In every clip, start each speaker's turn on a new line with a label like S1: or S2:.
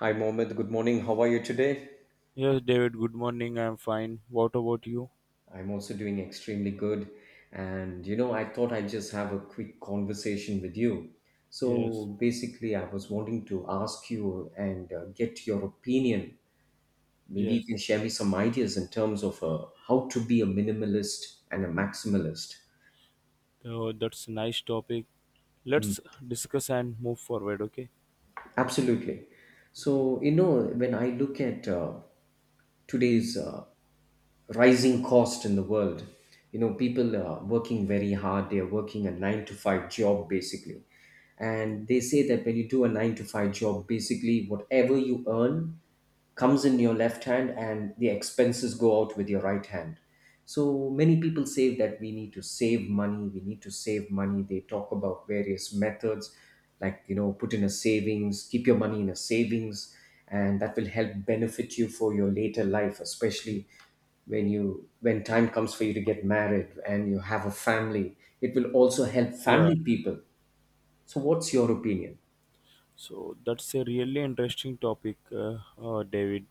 S1: Hi, Mohammed. Good morning. How are you today?
S2: Yes, David, good morning. I'm fine. What about you?
S1: I'm also doing extremely good. And you know, I thought I'd just have a quick conversation with you.
S2: Yes,
S1: So basically, I was wanting to ask you and get your opinion. Maybe you
S2: yes.
S1: can share me some ideas in terms of how to be a minimalist and a maximalist.
S2: So that's a nice topic.
S1: Hmm.
S2: Let's discuss and move forward, okay?
S1: Absolutely. So, you know, when I look at today's rising cost in the world. You know, people are working very hard. They are working a nine to five job basically. And they say that when you do a nine to five job, basically whatever you earn comes in your left hand and the expenses go out with your right hand. So many people say that we need to save money, we need to save money. They talk about various methods, like, you know, put in a savings, keep your money in a savings, and that will help benefit you for your later life, especially when time comes for you to get married and you have a family. It will also help
S2: Yeah.
S1: family people. So what's your opinion?
S2: So that's a really interesting topic, David.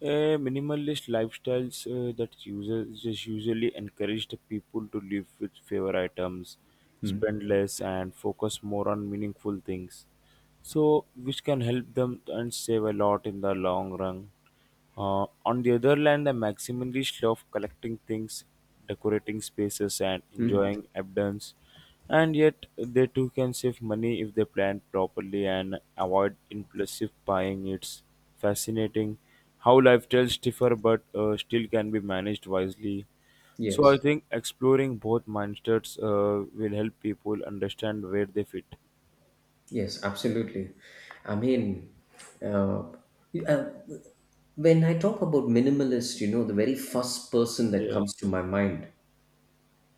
S2: A minimalist lifestyles that uses just usually encourage the people to live with fewer items,
S1: Hmm.
S2: spend less, and focus more on meaningful things. So, which can help them and save a lot in the long run. On the other hand, the maximalist love collecting things, decorating spaces, and
S1: Hmm.
S2: enjoying abundance. And yet, they too can save money if they plan properly and avoid impulsive buying. It's fascinating how lifestyles differ but still can be managed wisely. So, I
S1: Yes.
S2: think exploring both mindsets will help people understand where they fit.
S1: Yes, absolutely. I mean, uh, you- uh, when I talk about minimalist, you know, the very first person that comes
S2: Yes.
S1: to my mind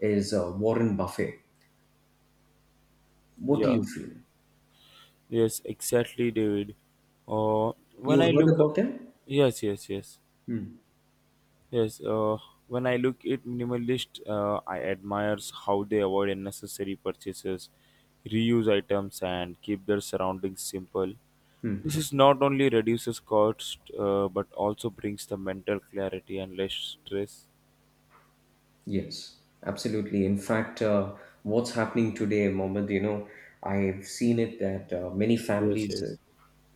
S1: is Warren Buffett. What do
S2: Yeah.
S1: you feel?
S2: Yes, exactly, David. Uh, when
S1: You
S2: I
S1: heard
S2: look,
S1: about him?
S2: yes, yes, yes.
S1: Hmm.
S2: Yes, when I look at minimalist, I admires how they avoid unnecessary purchases, reuse items, and keep their surroundings simple.
S1: Hmm.
S2: This is not only reduces cost, but also brings the mental clarity and less stress.
S1: Yes, absolutely. In fact, what's happening today, Mohammed, you know, I've seen it that many
S2: Yes,
S1: families
S2: yes,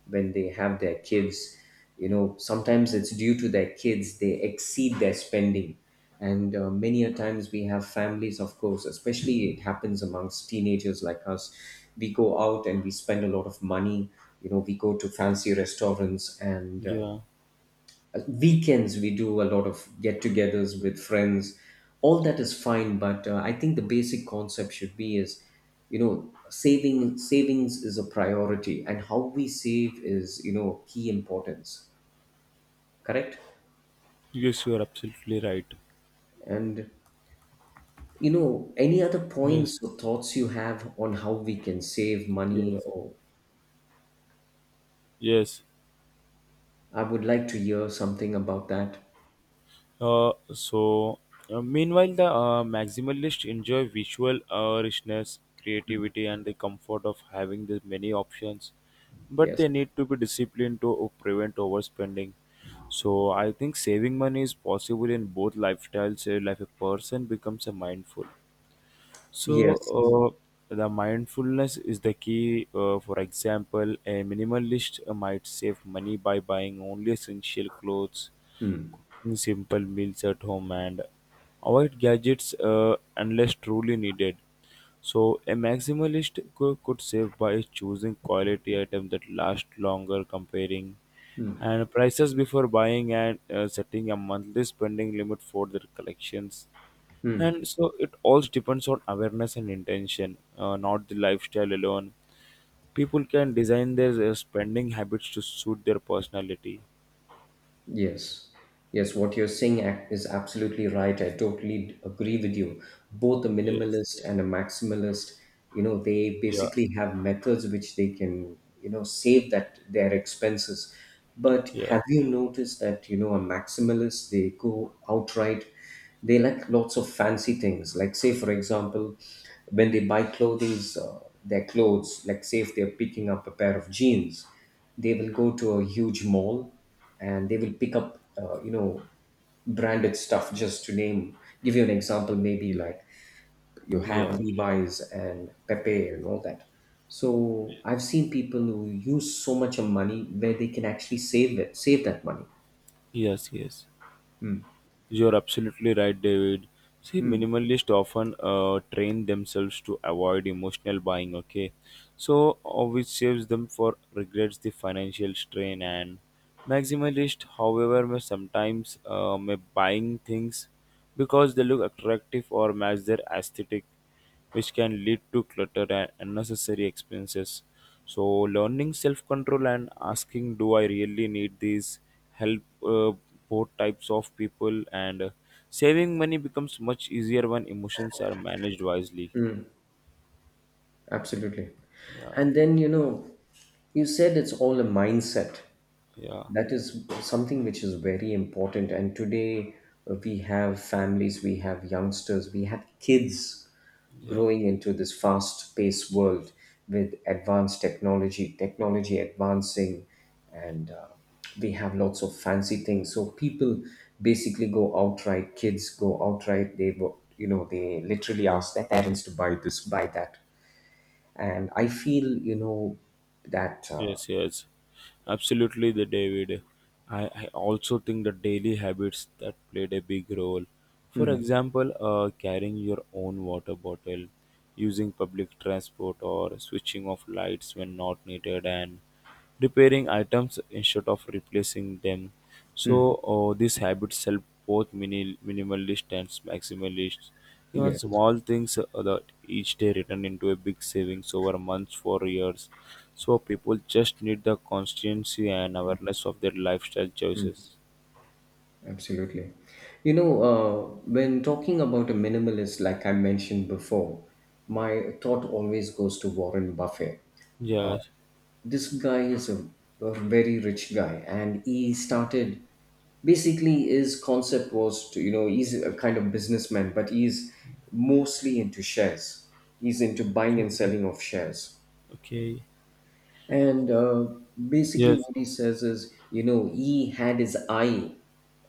S1: when they have their kids, you know, sometimes it's due to their kids they exceed their spending. And many a times we have families, of course, especially it happens amongst teenagers like us. We go out and we spend a lot of money, you know, we go to fancy restaurants, and
S2: yeah.
S1: weekends we do a lot of get-togethers with friends. All that is fine, but I think the basic concept should be is, you know, savings is a priority, and how we save is, you know, key importance. Correct?
S2: Yes, you are absolutely right.
S1: And, you know, any other points
S2: Yes,
S1: or thoughts you have on how we can save money,
S2: yes,
S1: or
S2: yes.
S1: I would like to hear something about that?
S2: Uh, so, meanwhile, the maximalist enjoy visual richness, creativity, and the comfort of having the many options, but
S1: Yes.
S2: they need to be disciplined to prevent overspending. So, I think saving money is possible in both lifestyles. Like a person becomes a mindful. So,
S1: Yes.
S2: uh, the mindfulness is the key. For example, a minimalist might save money by buying only essential clothes,
S1: Hmm.
S2: simple meals at home, and avoid gadgets unless truly needed. So, a maximalist could save by choosing quality items that last longer, comparing
S1: Hmm.
S2: and prices before buying, and setting a monthly spending limit for their collections.
S1: Hmm.
S2: And so, it all depends on awareness and intention, not the lifestyle alone. People can design their spending habits to suit their personality.
S1: Yes, yes, what you're saying is absolutely right. I totally agree with you. Both a
S2: Yes.
S1: minimalist and a maximalist, you know, they
S2: Yeah.
S1: basically have methods which they can, you know, save that their expenses. But
S2: Yeah.
S1: have you noticed that, you know, a maximalist, they go outright, they like lots of fancy things. Like say, for example, when they buy clothing, their clothes. Like say, if they're picking up a pair of jeans, they will go to a huge mall, and they will pick up, you know, branded stuff. Just to name, give you an example, maybe like you have
S2: Yeah.
S1: Levi's and Pepe and all that. So I've seen people who use so much of money where they can actually save it, save that money.
S2: Yes, yes.
S1: Hmm.
S2: You're absolutely right, David. See,
S1: Hmm.
S2: minimalists often train themselves to avoid emotional buying, okay? So, which saves them for regrets the financial strain. And maximalist, however, may sometimes may buying things because they look attractive or match their aesthetic, which can lead to clutter and unnecessary expenses. So, learning self control and asking, do I really need this? Help uh, both types of people, and saving money becomes much easier when emotions are managed wisely.
S1: Absolutely.
S2: Yeah,
S1: And then, you know, you said it's all a mindset.
S2: yeah,
S1: That is something which is very important. And today we have families, we have youngsters, we have kids
S2: yeah.
S1: growing into this fast paced world with advanced technology, technology advancing, and we have lots of fancy things. So people basically go outright, kids go outright, they, you know, they literally ask their parents to buy this, buy that. And I feel, you know, that
S2: Yes, yes, absolutely, the David. I also think the daily habits that played a big role. For
S1: hmm,
S2: example, carrying your own water bottle, using public transport, or switching off lights when not needed, and repairing items instead of replacing them. So
S1: hmm,
S2: this habit helps both minimalist and maximalists. Even
S1: yes,
S2: small things that each day return into a big savings over months for years. So people just need the constancy and awareness of their lifestyle
S1: hmm,
S2: choices.
S1: absolutely, you know, when talking about a minimalist, like I mentioned before, my thought always goes to Warren Buffett. uh,
S2: Yes.
S1: this guy is a very rich guy, and he started. Basically, his concept was to, you know, he's a kind of businessman, but he's mostly into shares. He's into buying
S2: Okay.
S1: and selling of shares.
S2: Okay.
S1: And basically,
S2: Yes.
S1: what he says is, you know, he had his eye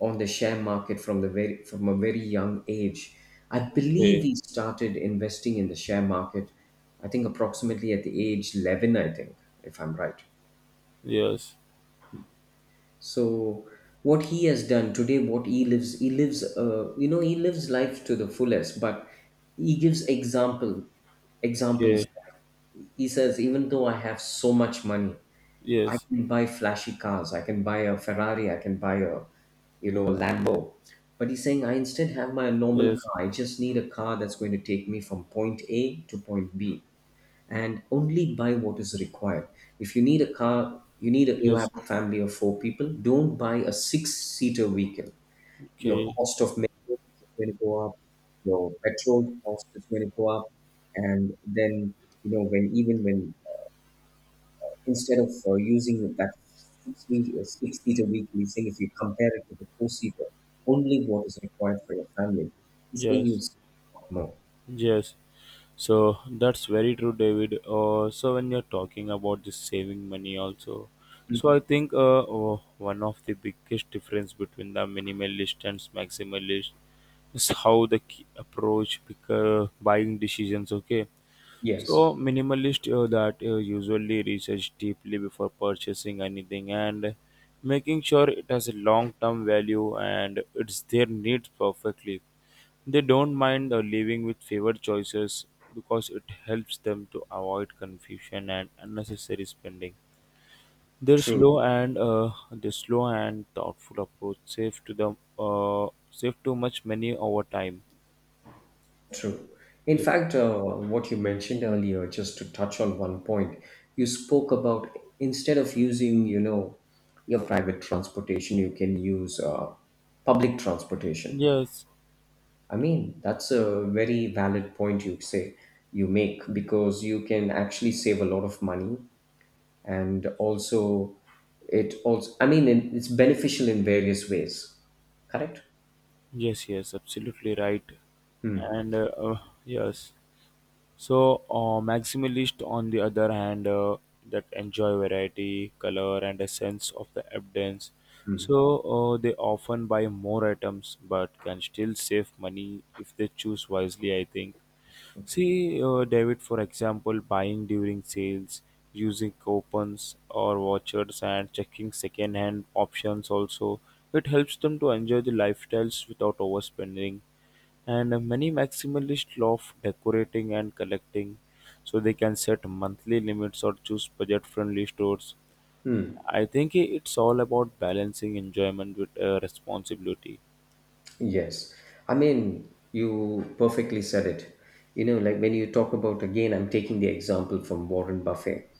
S1: on the share market from the very from a very young age. I believe
S2: Okay.
S1: he started investing in the share market. I think approximately at the age 11. I think, if I'm right.
S2: Yes.
S1: So what he has done today, what he lives, you know, he lives life to the fullest. But he gives examples.
S2: Okay.
S1: He says, even though I have so much money, I
S2: Yes.
S1: can buy flashy cars. I can buy a Ferrari. I can buy a Lambo. But he's saying, I instead have my normal
S2: Yes.
S1: car. I just need a car that's going to take me from point A to point B and only buy what is required. If you need a car, you
S2: Yes.
S1: have a family of four people. Don't buy a six-seater vehicle. Your
S2: Okay.
S1: cost of maintenance is going to go up. Your petrol cost is going to go up, and then, you know, when instead of using that six seater weekly thing, if you compare it to the four seater, only what is required for your family, he's saying you
S2: Yes.
S1: save a lot more.
S2: Yes. So that's very true, David. So when you're talking about this saving money also, so I
S1: Mhm.
S2: think one of the biggest difference between the minimalist and maximalist is how the key approach pick, buying decisions. Okay,
S1: Yes,
S2: so minimalist that usually research deeply before purchasing anything and making sure it has a long-term value and it's their needs perfectly. They don't mind living with favored choices because it helps them to avoid confusion and unnecessary spending. Their slow
S1: true,
S2: and uh, their slow and thoughtful approach save to them save too much money over time.
S1: true. In
S2: Ye-
S1: fact, what you mentioned earlier, just to touch on one point, you spoke about instead of using, you know, your private transportation, you can use public transportation.
S2: Yes,
S1: I mean, that's a very valid point you make, because you can actually save a lot of money, and also, it also, I mean, it's beneficial in various ways. Correct?
S2: yes, yes, absolutely right. And yes. So, maximalist, on the other hand, that enjoy variety, color, and a sense of the abundance. So, they often buy more items but can still save money if they choose wisely, I think. See, David, for example, buying during sales, using coupons or vouchers, and checking second hand options also. It helps them to enjoy the lifestyles without overspending, and many maximalists love decorating and collecting, so they can set monthly limits or choose budget friendly stores.
S1: Hmm.
S2: I think it's all about balancing enjoyment with responsibility.
S1: Yes. I mean, you perfectly said it. You know, like when you talk about, again, I'm taking the example from Warren Buffett.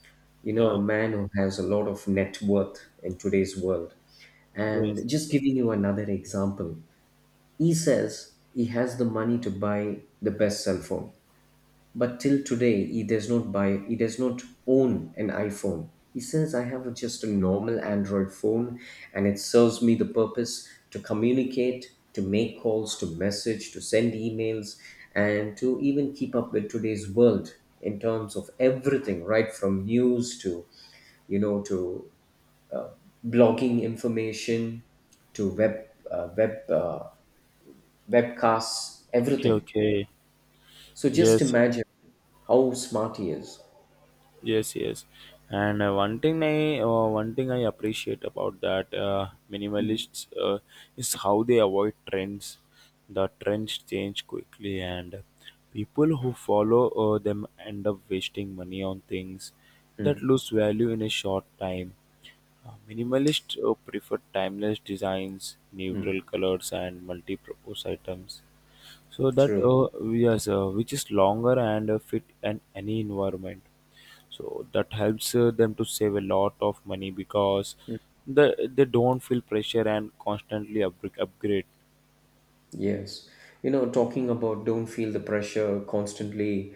S1: You know, a man who has a lot of net worth in today's world. And just giving you another example, he says he has the money to buy the best cell phone, but till today, he does not own an iPhone. He says, I have just a normal Android phone, and it serves me the purpose to communicate, to make calls, to message, to send emails, and to even keep up with today's world, in terms of everything, right from news to, you know, to blogging information, to web, uh, web uh, webcasts,
S2: Okay,
S1: everything.
S2: okay,
S1: So just
S2: yes.
S1: imagine how smart he is.
S2: Yes, yes. And one thing I appreciate about that
S1: Mm.
S2: minimalists is how they avoid trends. The trends change quickly, and people who follow them end up wasting money on things that lose value in a short time. Minimalists prefer timeless designs, neutral colors, and multi-purpose items. So that
S1: True.
S2: which is longer and fit in any environment, so that helps them to save a lot of money because they don't feel pressure and constantly upgrade.
S1: Yes. You know, talking about don't feel the pressure constantly,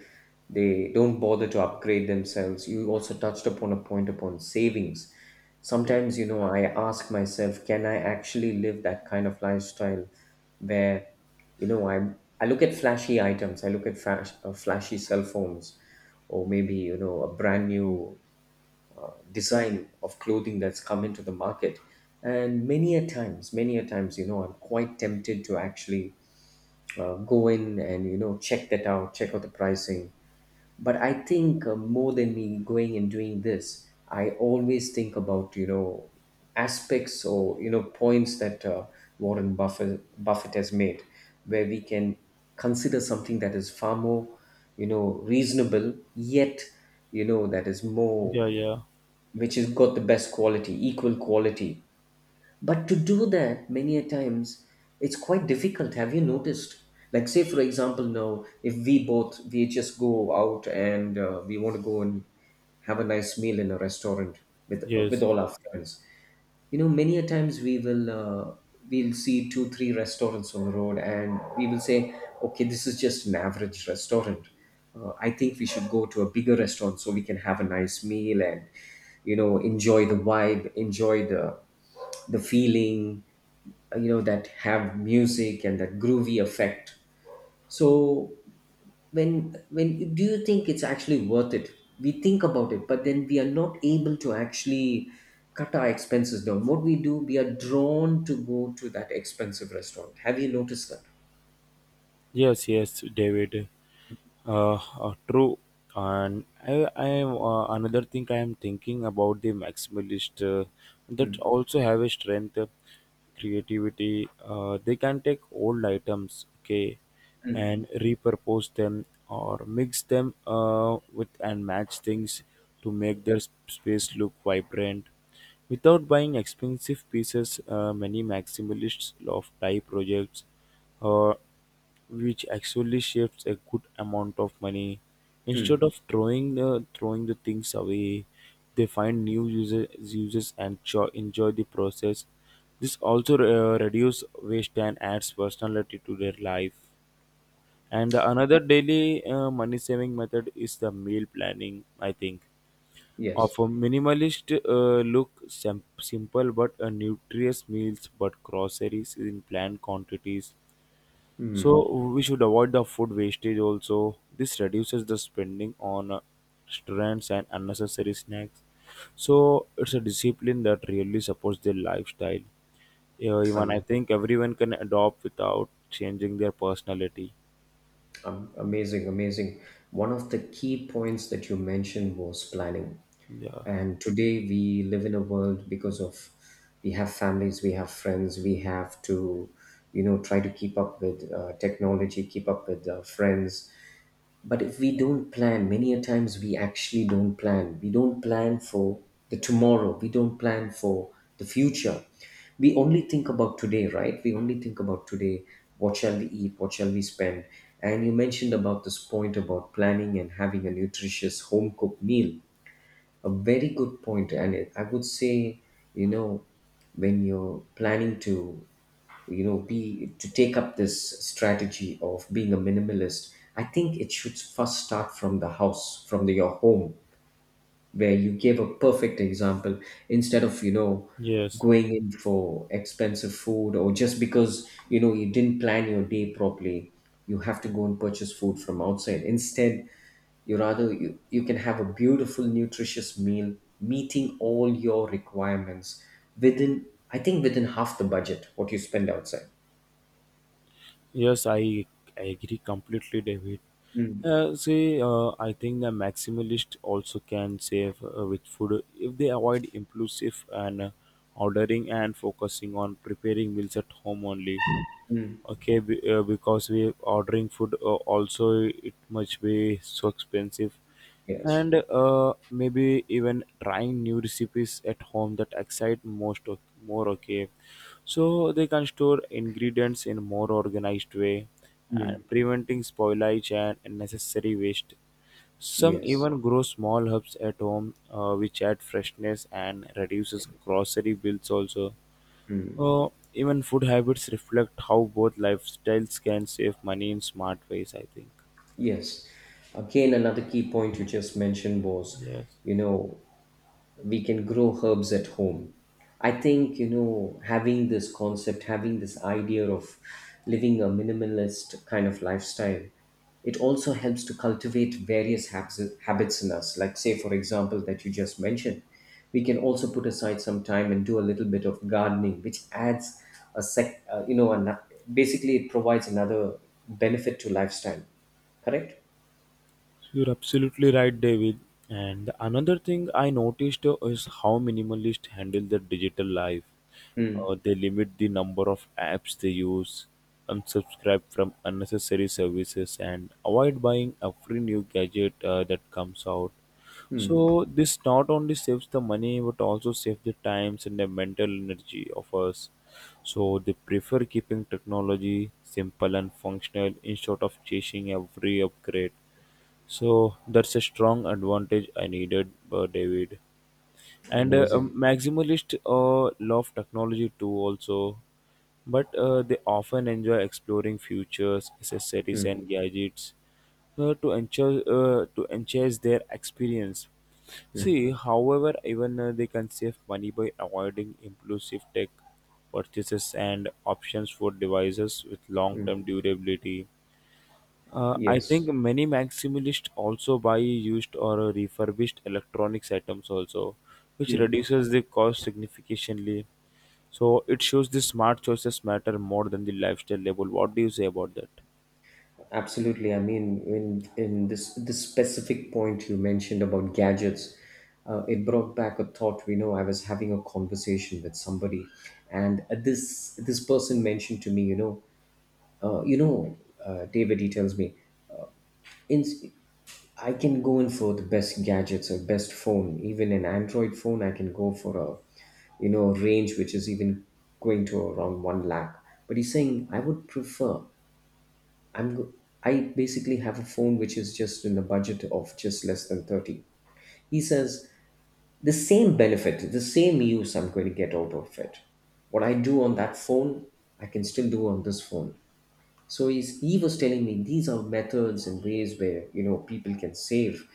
S1: they don't bother to upgrade themselves. You also touched upon a point upon savings.
S2: Yeah,
S1: Sometimes, you know, I ask myself, can I actually live that kind of lifestyle where, you know, I look at flashy items, I look at flashy cell phones, or maybe, you know, a brand new design of clothing that's come into the market. And many a times, you know, I'm quite tempted to actually go in and, you know, check that out, check out the pricing. But I think more than me going and doing this, I always think about, you know, aspects, or, you know, points that Warren Buffett has made, where we can consider something that is far more, you know, reasonable, yet, you know, that is more,
S2: yeah, yeah,
S1: which has got the best quality, equal quality. But to do that, many a times, it's quite difficult. Have you noticed? Like, say, for example, now, if we both, we just go out and we want to go and have a nice meal in a restaurant with
S2: yes,
S1: all our friends. You know, many a times we'll see two three restaurants on the road, and we will say, okay, this is just an average restaurant. I think we should go to a bigger restaurant so we can have a nice meal and, you know, enjoy the vibe, enjoy the feeling, you know, that have music and that groovy effect. So when do you think it's actually worth it? We think about it, but then we are not able to actually cut our expenses down. What we do, we are drawn to go to that expensive restaurant. Have you noticed that?
S2: yes, yes, David. True, and I am another thing I am thinking about the maximalist that
S1: Mm.
S2: also have a strength, creativity. They can take old items, okay,
S1: Mm.
S2: and repurpose them or mix them with and match things to make their space look vibrant. Without buying expensive pieces, many maximalists love tie projects uh, which actually saves a good amount of money. Instead
S1: Mm.
S2: of throwing the things away, they find new uses and enjoy the process. This also reduces waste and adds personality to their life. And the another daily money saving method is the meal planning. I think of
S1: Yes.
S2: a minimalist simple but a nutritious meals, but groceries in planned quantities, so
S1: Mm.
S2: we should avoid the food wastage also. This reduces the spending on restaurants and unnecessary snacks. So it's a discipline that really supports their lifestyle. Yeah, even I
S1: I'm
S2: think everyone can adopt without changing their personality.
S1: Amazing, amazing. One of the key points that you mentioned was planning.
S2: Yeah.
S1: And today we live in a world, because of, we have families, we have friends, we have to, you know, try to keep up with technology, keep up with friends, but if we don't plan, many a times we actually don't plan. We don't plan for the tomorrow. We don't plan for the future. We only think about today, right? We only think about today. What shall we eat? What shall we spend? And you mentioned about this point about planning and having a nutritious home cooked meal. A very good point. I would say, you know, when you're planning to you know be to take up this strategy of being a minimalist, I think it should first start from the house, your home, where you gave a perfect example. Instead of
S2: Yes.
S1: going in for expensive food, or just because you didn't plan your day properly, you have to go and purchase food from outside. Instead, you can have a beautiful nutritious meal meeting all your requirements within, I think, within half the budget what you spend outside.
S2: Yes, I agree completely, David.
S1: Mm.
S2: See, I think the maximalist also can save with food if they avoid impulsive and ordering and focusing on preparing meals at home only.
S1: Mm.
S2: Okay, because we ordering food also, it must be so expensive.
S1: Yes,
S2: And maybe even trying new recipes at home that excite most more, okay, so they can store ingredients in more organized way and preventing spoilage and unnecessary waste. Some
S1: yes,
S2: even grow small herbs at home which add freshness and reduces grocery bills also. uh, Even food habits reflect how both lifestyles can save money in smart ways, I think.
S1: yes. Again, another key point you just mentioned was,
S2: Yes.
S1: you know, we can grow herbs at home. I think, having this concept, having this idea of living a minimalist kind of lifestyle, it also helps to cultivate various habits in us. Like, say, for example, that you just mentioned, we can also put aside some time and do a little bit of gardening, which adds a sec, you know, an- basically, it provides another benefit to lifestyle. Correct?
S2: You're absolutely right, David. And another thing I noticed is how minimalists handle their digital life.
S1: Hmm.
S2: They limit the number of apps they use, unsubscribe from unnecessary services, and avoid buying every new gadget that comes out.
S1: Hmm.
S2: So this not only saves the money but also saves the times and the mental energy of us. So they prefer keeping technology simple and functional instead of chasing every upgrade. So that's a strong advantage I needed, David. And
S1: Amazing.
S2: maximalist love technology too, also, but they often enjoy exploring futures, accessories,
S1: Hmm.
S2: and gadgets to enhance their experience.
S1: Hmm.
S2: See, however, even they can save money by avoiding impulsive tech purchases and options for devices with long-term durability. I think
S1: Yes.
S2: many maximalists also buy used or refurbished electronics items also, which reduces the cost significantly. So it shows the smart choices matter more than the lifestyle level. What do you say about that?
S1: Absolutely. I mean, in this specific point you mentioned about gadgets, it brought back a thought. We know I was having a conversation with somebody, and this person mentioned to me, uh, you know, David. He tells me, in I can go in for the best gadgets or best phone, even an Android phone. I can go for a range which is even going to around 1 lakh. But he's saying I would prefer, I'm go- I basically have a phone which is just in a budget of just less than 30. He says the same benefit, the same use I'm going to get out of it. What I do on that phone, I can still do on this phone. So he was telling me these are methods and ways where people can save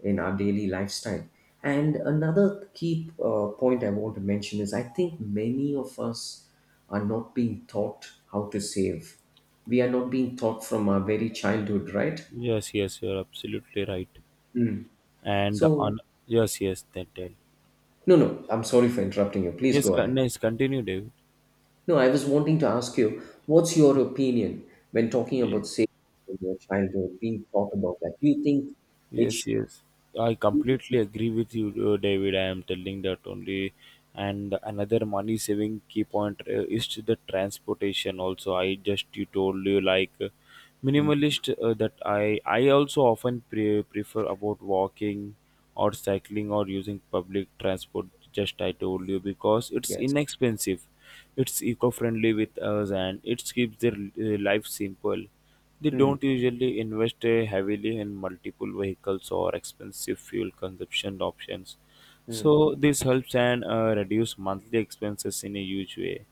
S1: in our daily lifestyle. And another key point I want to mention is, I think many of us are not being taught how to save. We are not being taught from our very childhood, right?
S2: Yes, yes, you're absolutely right.
S1: Mm.
S2: And the
S1: So.
S2: yes, yes, then tell.
S1: No, no, I'm sorry for interrupting you. Please
S2: Yes,
S1: go ahead.
S2: nice. Continue, David.
S1: No, I was wanting to ask you, what's your opinion when talking
S2: Okay.
S1: about saving in your childhood, being taught about that? Do you think it?
S2: Yes, yes. I completely agree with you, David. I am telling that only. And another money saving key point is to the transportation. Also, I just you told you like
S1: Hmm,
S2: minimalist that I also often prefer about walking or cycling or using public transport. Just I told you because it's
S1: yes.
S2: inexpensive, it's eco friendly with us, and it keeps their life simple. They
S1: Hmm.
S2: don't usually invest heavily in multiple vehicles or expensive fuel consumption options.
S1: Hmm.
S2: So this helps and reduce monthly expenses in a huge way.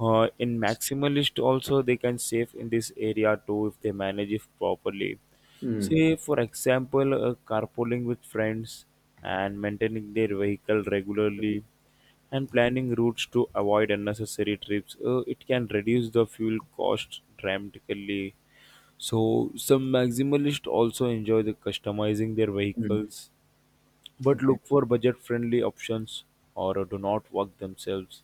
S2: In maximalist also, they can save in this area too if they manage it properly.
S1: Mm,
S2: Say for example carpooling with friends and maintaining their vehicle regularly and planning routes to avoid unnecessary trips. It can reduce the fuel cost dramatically, so some maximalists also enjoy the customizing their
S1: mm,
S2: vehicles, but
S1: okay.
S2: look for budget-friendly options or do not work themselves.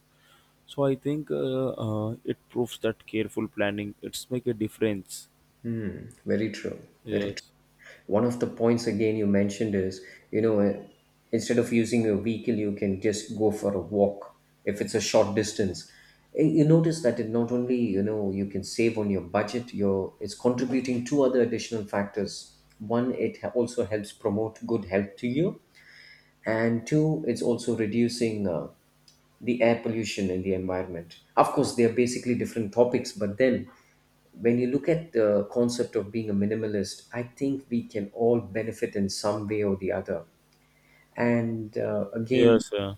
S2: So I think it proves that careful planning it's make a difference.
S1: Mm, very true. Very true.
S2: Yes.
S1: One of the points again you mentioned is, you know, uh, instead of using your vehicle, you can just go for a walk if it's a short distance. You notice that it not only, you can save on your budget, your it's contributing two other additional factors. One, also helps promote good health to you, and two, it's also reducing the air pollution in the environment. Of course, they are basically different topics, but then when you look at the concept of being a minimalist, I think we can all benefit in some way or the other. And
S2: Yes.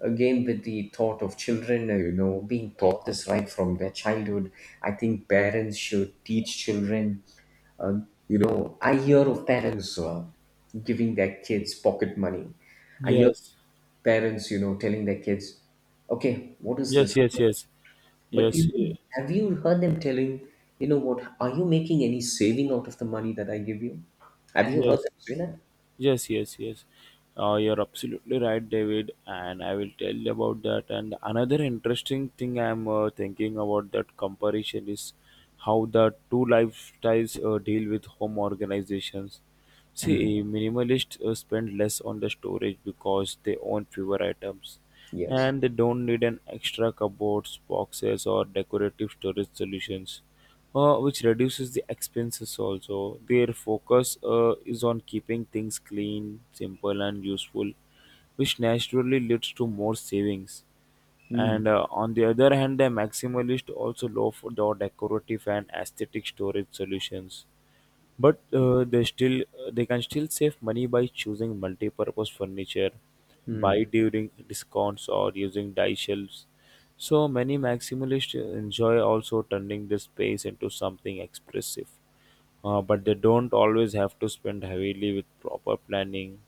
S1: again with the thought of children, being taught this right from their childhood, I think parents should teach children. Uh, I hear of parents giving their kids pocket money. I hear
S2: Yes.
S1: parents, telling their kids, "Okay, what is
S2: Yes.
S1: this?"
S2: Yes. Yes.
S1: But
S2: Yes.
S1: have you heard them telling, you know what, are you making any saving out of the money that I give you? Have you heard
S2: Yes.
S1: them say that?
S2: Yes, yes, yes. You're absolutely right, David. And I will tell you about that. And another interesting thing I'm thinking about that comparison is how the two lifestyles deal with home organizations.
S1: Hmm.
S2: See, minimalists spend less on the storage because they own fewer items
S1: Yes.
S2: and they don't need an extra cupboards, boxes, or decorative storage solutions which reduces the expenses also. Their focus is on keeping things clean, simple, and useful, which naturally leads to more savings.
S1: Hmm.
S2: And on the other hand, the maximalist also look for the decorative and aesthetic storage solutions but they can still save money by choosing multi-purpose furniture, buy
S1: Hmm.
S2: during discounts or using die shelves. So many maximalists enjoy also turning the space into something expressive. But they don't always have to spend heavily with proper planning.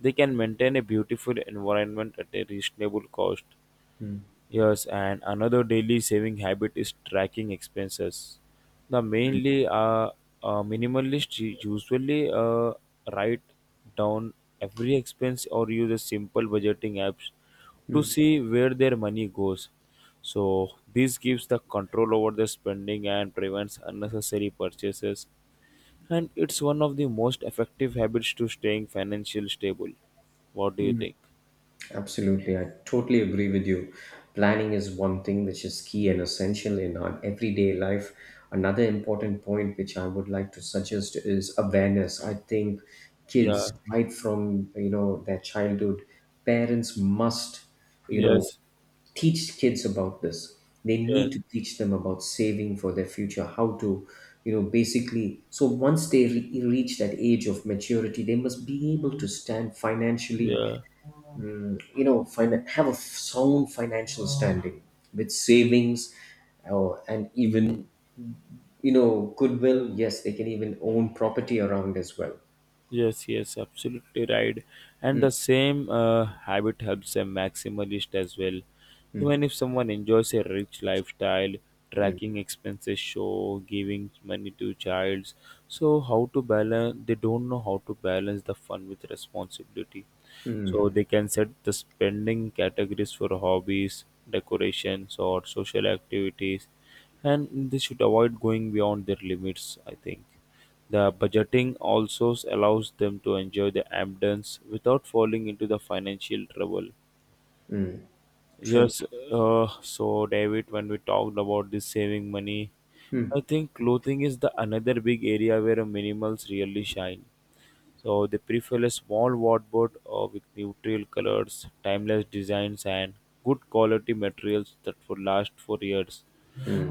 S2: They can maintain a beautiful environment at a reasonable cost. Yes, and another daily saving habit is tracking expenses. The mainly Minimalist usually write down every expense or use a simple budgeting apps to see where their money goes. So this gives the control over the spending and prevents unnecessary purchases. And it's one of the most effective habits to staying financially stable. What do you think?
S1: Absolutely. I totally agree with you. Planning is one thing which is key and essential in our everyday life. Another important point which I would like to suggest is awareness. I think
S2: Yeah.
S1: kids, right from their childhood, parents must you know
S2: Yes.
S1: teach kids about this. They
S2: Yeah.
S1: need to teach them about saving for their future. How to, basically, so once they reach that age of maturity, they must be able to stand financially,
S2: Yeah.
S1: have a sound financial standing with savings, and even, goodwill. Yes, they can even own property around as well.
S2: Yes, yes, absolutely right. And the same habit helps a maximalist as well. Even if someone enjoys a rich lifestyle, tracking expenses show, giving money to childs. So how to balance they don't know how to balance the fun with responsibility. So
S1: Hmm,
S2: they can set the spending categories for hobbies, decorations or social activities and they should avoid going beyond their limits, I think. The budgeting also allows them to enjoy the abundance without falling into the financial trouble.
S1: true.
S2: Yes, so David, when we talked about this saving money, I
S1: Hmm.
S2: think clothing is the another big area where minimals really shine. So they prefer a small wardrobe with neutral colors, timeless designs, and good quality materials that will last for years.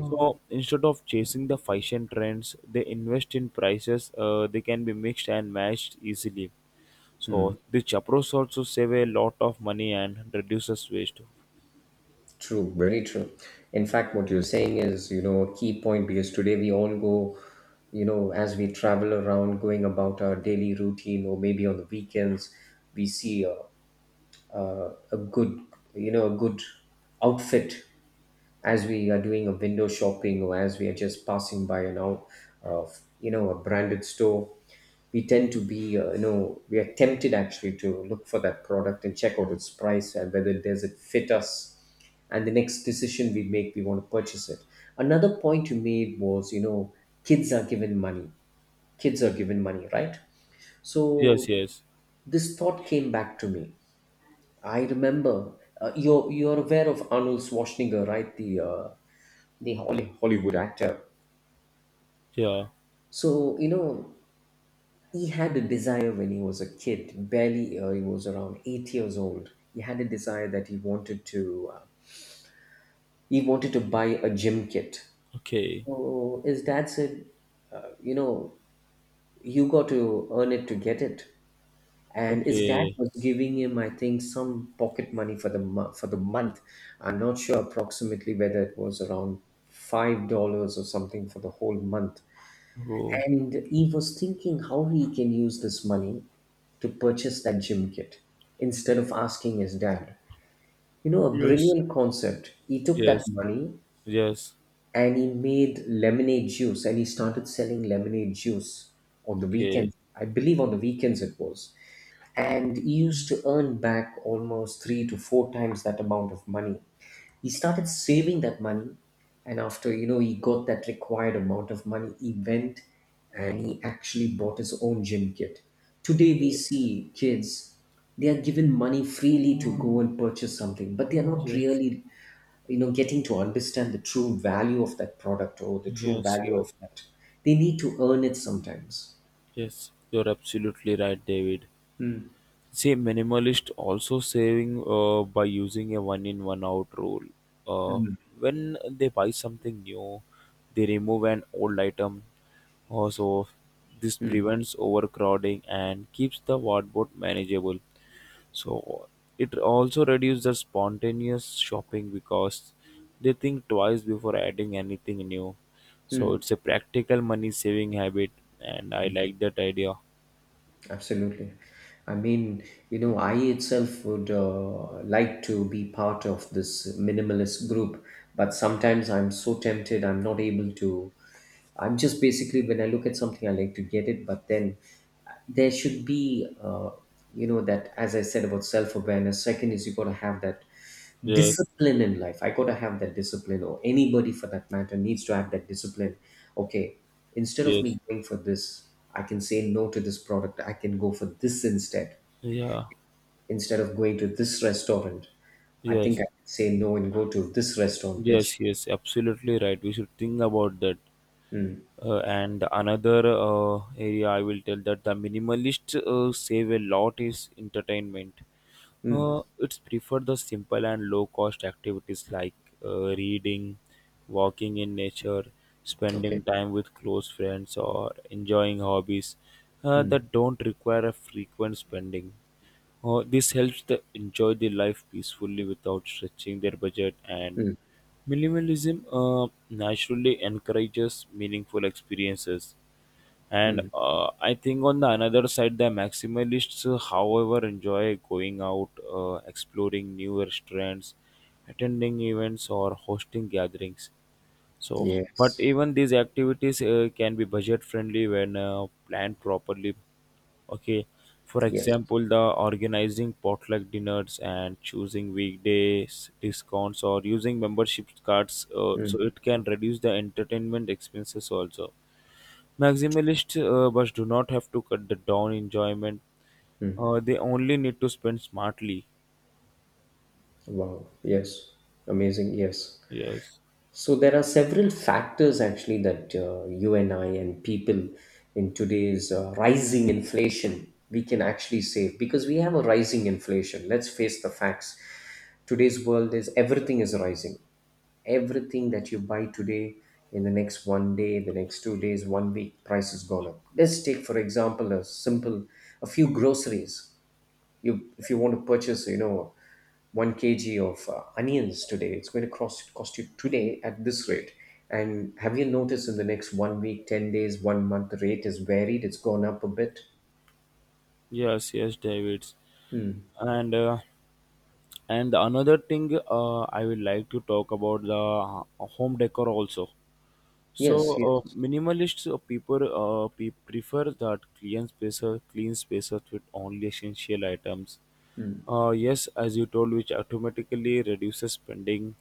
S2: So instead of chasing the fashion trends, they invest in prices. They can be mixed and matched easily. So this approach also save a lot of money and reduces waste.
S1: True, very true. In fact, what you're saying is, a key point, because today we all go, as we travel around, going about our daily routine, or maybe on the weekends, we see a good, a good outfit, as we are doing a window shopping, or as we are just passing by, of a branded store. We tend to be, we are tempted actually to look for that product and check out its price and whether does it fit us, and the next decision we make, we want to purchase it. Another point you made was, kids are given money, kids are given money, right?
S2: Yes,
S1: So
S2: yes,
S1: this thought came back to me. I remember, you're aware of Arnold Schwarzenegger, right? The the Hollywood actor.
S2: yeah.
S1: So, he had a desire when he was a kid. Barely he was around 8 years old. He had a desire that he wanted to buy a gym kit.
S2: Okay,
S1: So his dad said, uh, you know, you got to earn it to get it. And his dad
S2: okay.
S1: was giving him, I think, some pocket money for the for the month. I'm not sure approximately whether it was around $5 or something for the whole month.
S2: Oh,
S1: And he was thinking how he can use this money to purchase that gym kit instead of asking his dad. You know, a
S2: yes,
S1: brilliant concept. He took that
S2: yes,
S1: money
S2: yes.
S1: and he made lemonade juice, and he started selling lemonade juice on the
S2: Okay,
S1: weekends. I believe on the weekends it was. And he used to earn back almost three to four times that amount of money. He started saving that money. And after, he got that required amount of money, he went and he actually bought his own gym kit. Today we
S2: okay.
S1: see kids, they are given money freely to go and purchase something, but they are not
S2: Yes,
S1: really getting to understand the true value of that product, or the true
S2: yes,
S1: value
S2: yes.
S1: of that. They need to earn it sometimes.
S2: Yes, you're absolutely right, David.
S1: Mm,
S2: See, minimalist also saving by using a one in one out rule. Uh,
S1: mm,
S2: when they buy something new, they remove an old item. Also, this
S1: mm,
S2: prevents overcrowding and keeps the wardrobe manageable. So it also reduces the spontaneous shopping because they think twice before adding anything new. So
S1: mm.
S2: it's a practical money saving habit, and I like that idea.
S1: Absolutely. I mean, I itself would, like to be part of this minimalist group, but sometimes I'm so tempted, I'm not able to. I'm just basically, when I look at something, I like to get it, but then there should be, that, as I said, about self awareness. Second is, you got to have that
S2: Yes,
S1: discipline in life. I got to have that discipline, or anybody for that matter needs to have that discipline. Okay, instead of
S2: yes,
S1: me going for this, I can say no to this product. I can go for this instead.
S2: yeah.
S1: Instead of going to this restaurant, I think
S2: Yes,
S1: I can say no and go to this restaurant,
S2: yes,
S1: which.
S2: yes, absolutely right. We should think about that.
S1: Mm,
S2: And another area I will tell that the minimalist save a lot is entertainment.
S1: mm,
S2: It's prefer the simple and low cost activities like reading, walking in nature,
S1: okay.
S2: spending time with close friends, or enjoying hobbies that don't require a frequent spending. This helps them enjoy their life peacefully without stretching their budget, and
S1: Mm,
S2: minimalism naturally encourages meaningful experiences and I think on the another side the maximalists however enjoy going out exploring new restaurants attending events or hosting gatherings so but
S1: yes.
S2: even these activities can be budget friendly when planned properly. Okay. For
S1: Yes.
S2: example, the organizing potluck dinners and choosing weekdays discounts or using membership cards so it can reduce the entertainment expenses also. Maximalist but do not have to cut the down enjoyment. They only need to spend smartly.
S1: Wow. Yes. Amazing. Yes.
S2: Yes,
S1: So there are several factors actually that, you and I and people in today's rising inflation, we can actually save because we have a rising inflation. Let's face the facts. Today's world, is everything is rising. Everything that you buy today, in the next one day, the next 2 days, one week, price has gone up. Let's take for example a few groceries. You if you want to purchase, 1 kg of onions, today it's going to cost you today at this rate. And have you noticed in the next one week, 10 days, one month, the rate is varied? It's gone up a bit.
S2: yes, yes, David. And uh, and the another thing I would like to talk about the home decor also. So
S1: Yes, yes,
S2: minimalists people prefer that clean spaces, with only essential items. Yes, as you told, which automatically reduces spending.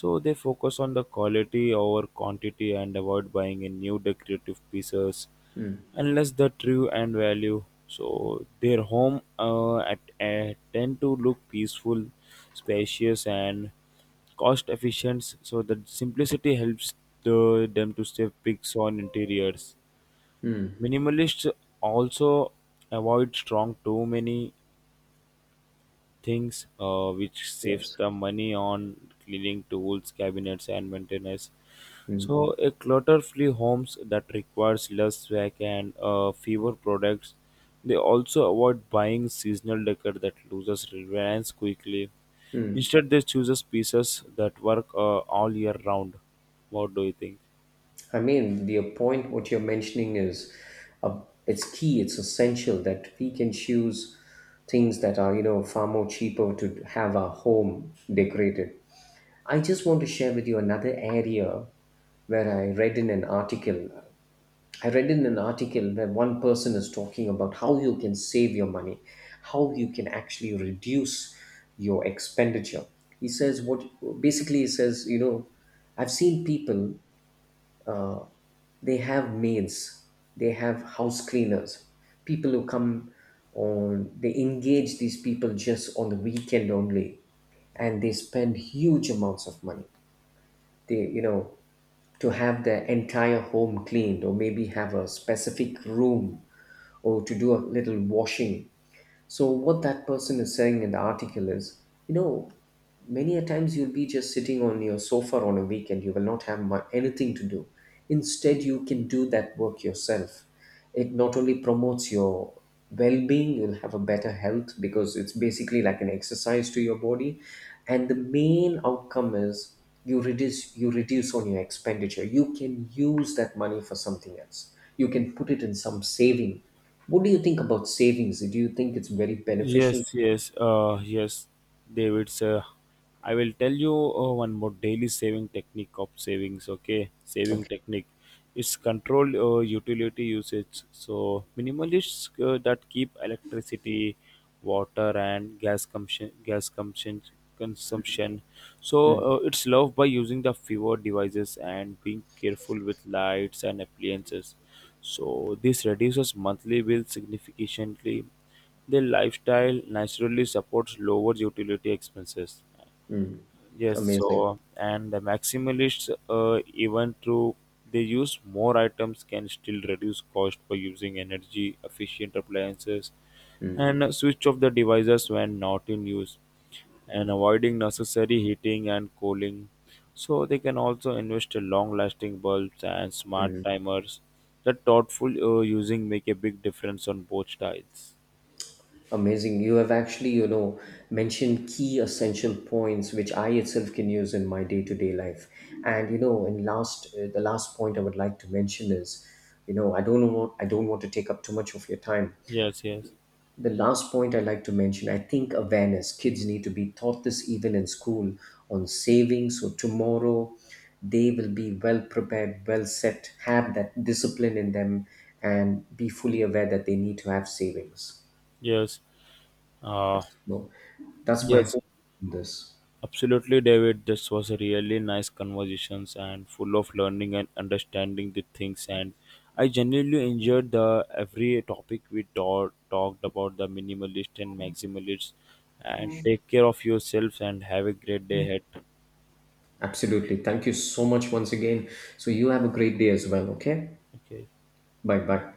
S2: So they focus on the quality over quantity and avoid buying in new decorative pieces unless the true and value. So their home at tend to look peaceful, spacious, and cost efficient. So the simplicity helps them to save pics on interiors. Minimalists also avoid strong too many things which saves
S1: yes.
S2: the money on cleaning tools cabinets and maintenance,
S1: Mm.
S2: so a clutter-free homes that requires less swag and fewer products. They also avoid buying seasonal decor that loses relevance quickly. Instead they chooses pieces that work all year round. What do you think?
S1: I mean, the point what you're mentioning is, uh, it's key, it's essential, that we can choose things that are, far more cheaper to have our home decorated. I just want to share with you another area where I read in an article. I read in an article where one person is talking about how you can save your money, how you can actually reduce your expenditure. He says, what basically he says, I've seen people, they have maids, they have house cleaners, people who come on, they engage these people just on the weekend only, and they spend huge amounts of money. They, to have their entire home cleaned, or maybe have a specific room, or to do a little washing. So, what that person is saying in the article is, many a times you'll be just sitting on your sofa on a weekend, you will not have mu anything to do. Instead, you can do that work yourself. It not only promotes your well being, you'll have a better health, because it's basically like an exercise to your body. And the main outcome is, you reduce on your expenditure. You can use that money for something else. You can put it in some saving. What do you think about savings? Do you think it's very beneficial?
S2: Yes, yes, yes, David. Sir, I will tell you one more daily saving technique of savings. Okay, saving
S1: Okay,
S2: technique. It's controlled utility usage. So minimalists that keep electricity, water, and gas consumption, gas consumption. So it's loved by using the fewer devices and being careful with lights and appliances. So this reduces monthly bill significantly, their lifestyle naturally supports lower utility expenses. Yes,
S1: amazing.
S2: so and the maximalists, even through they use more items, can still reduce cost by using energy efficient appliances and switch off the devices when not in use and avoiding necessary heating and cooling. So they can also invest in long-lasting bulbs and smart timers. The thoughtful using make a big difference on both sides.
S1: Amazing. You have actually, mentioned key essential points which I itself can use in my day-to-day life. And, and last the last point I would like to mention is, I don't know, I don't want to take up too much of your time.
S2: Yes, yes.
S1: The last point I'd like to mention, I think, awareness. Kids need to be taught this even in school on saving. So tomorrow they will be well prepared, well set, have that discipline in them, and be fully aware that they need to have savings.
S2: Yes, uh,
S1: That's, no, that's my
S2: yes,
S1: hope in this.
S2: absolutely, David. This was a really nice conversations and full of learning and understanding the things. And I genuinely enjoyed the every topic we talked about the minimalist and maximalist. And take care of yourselves and have a great day ahead.
S1: Absolutely. Thank you so much once again. So you have a great day as well, okay?
S2: Okay.
S1: Bye bye.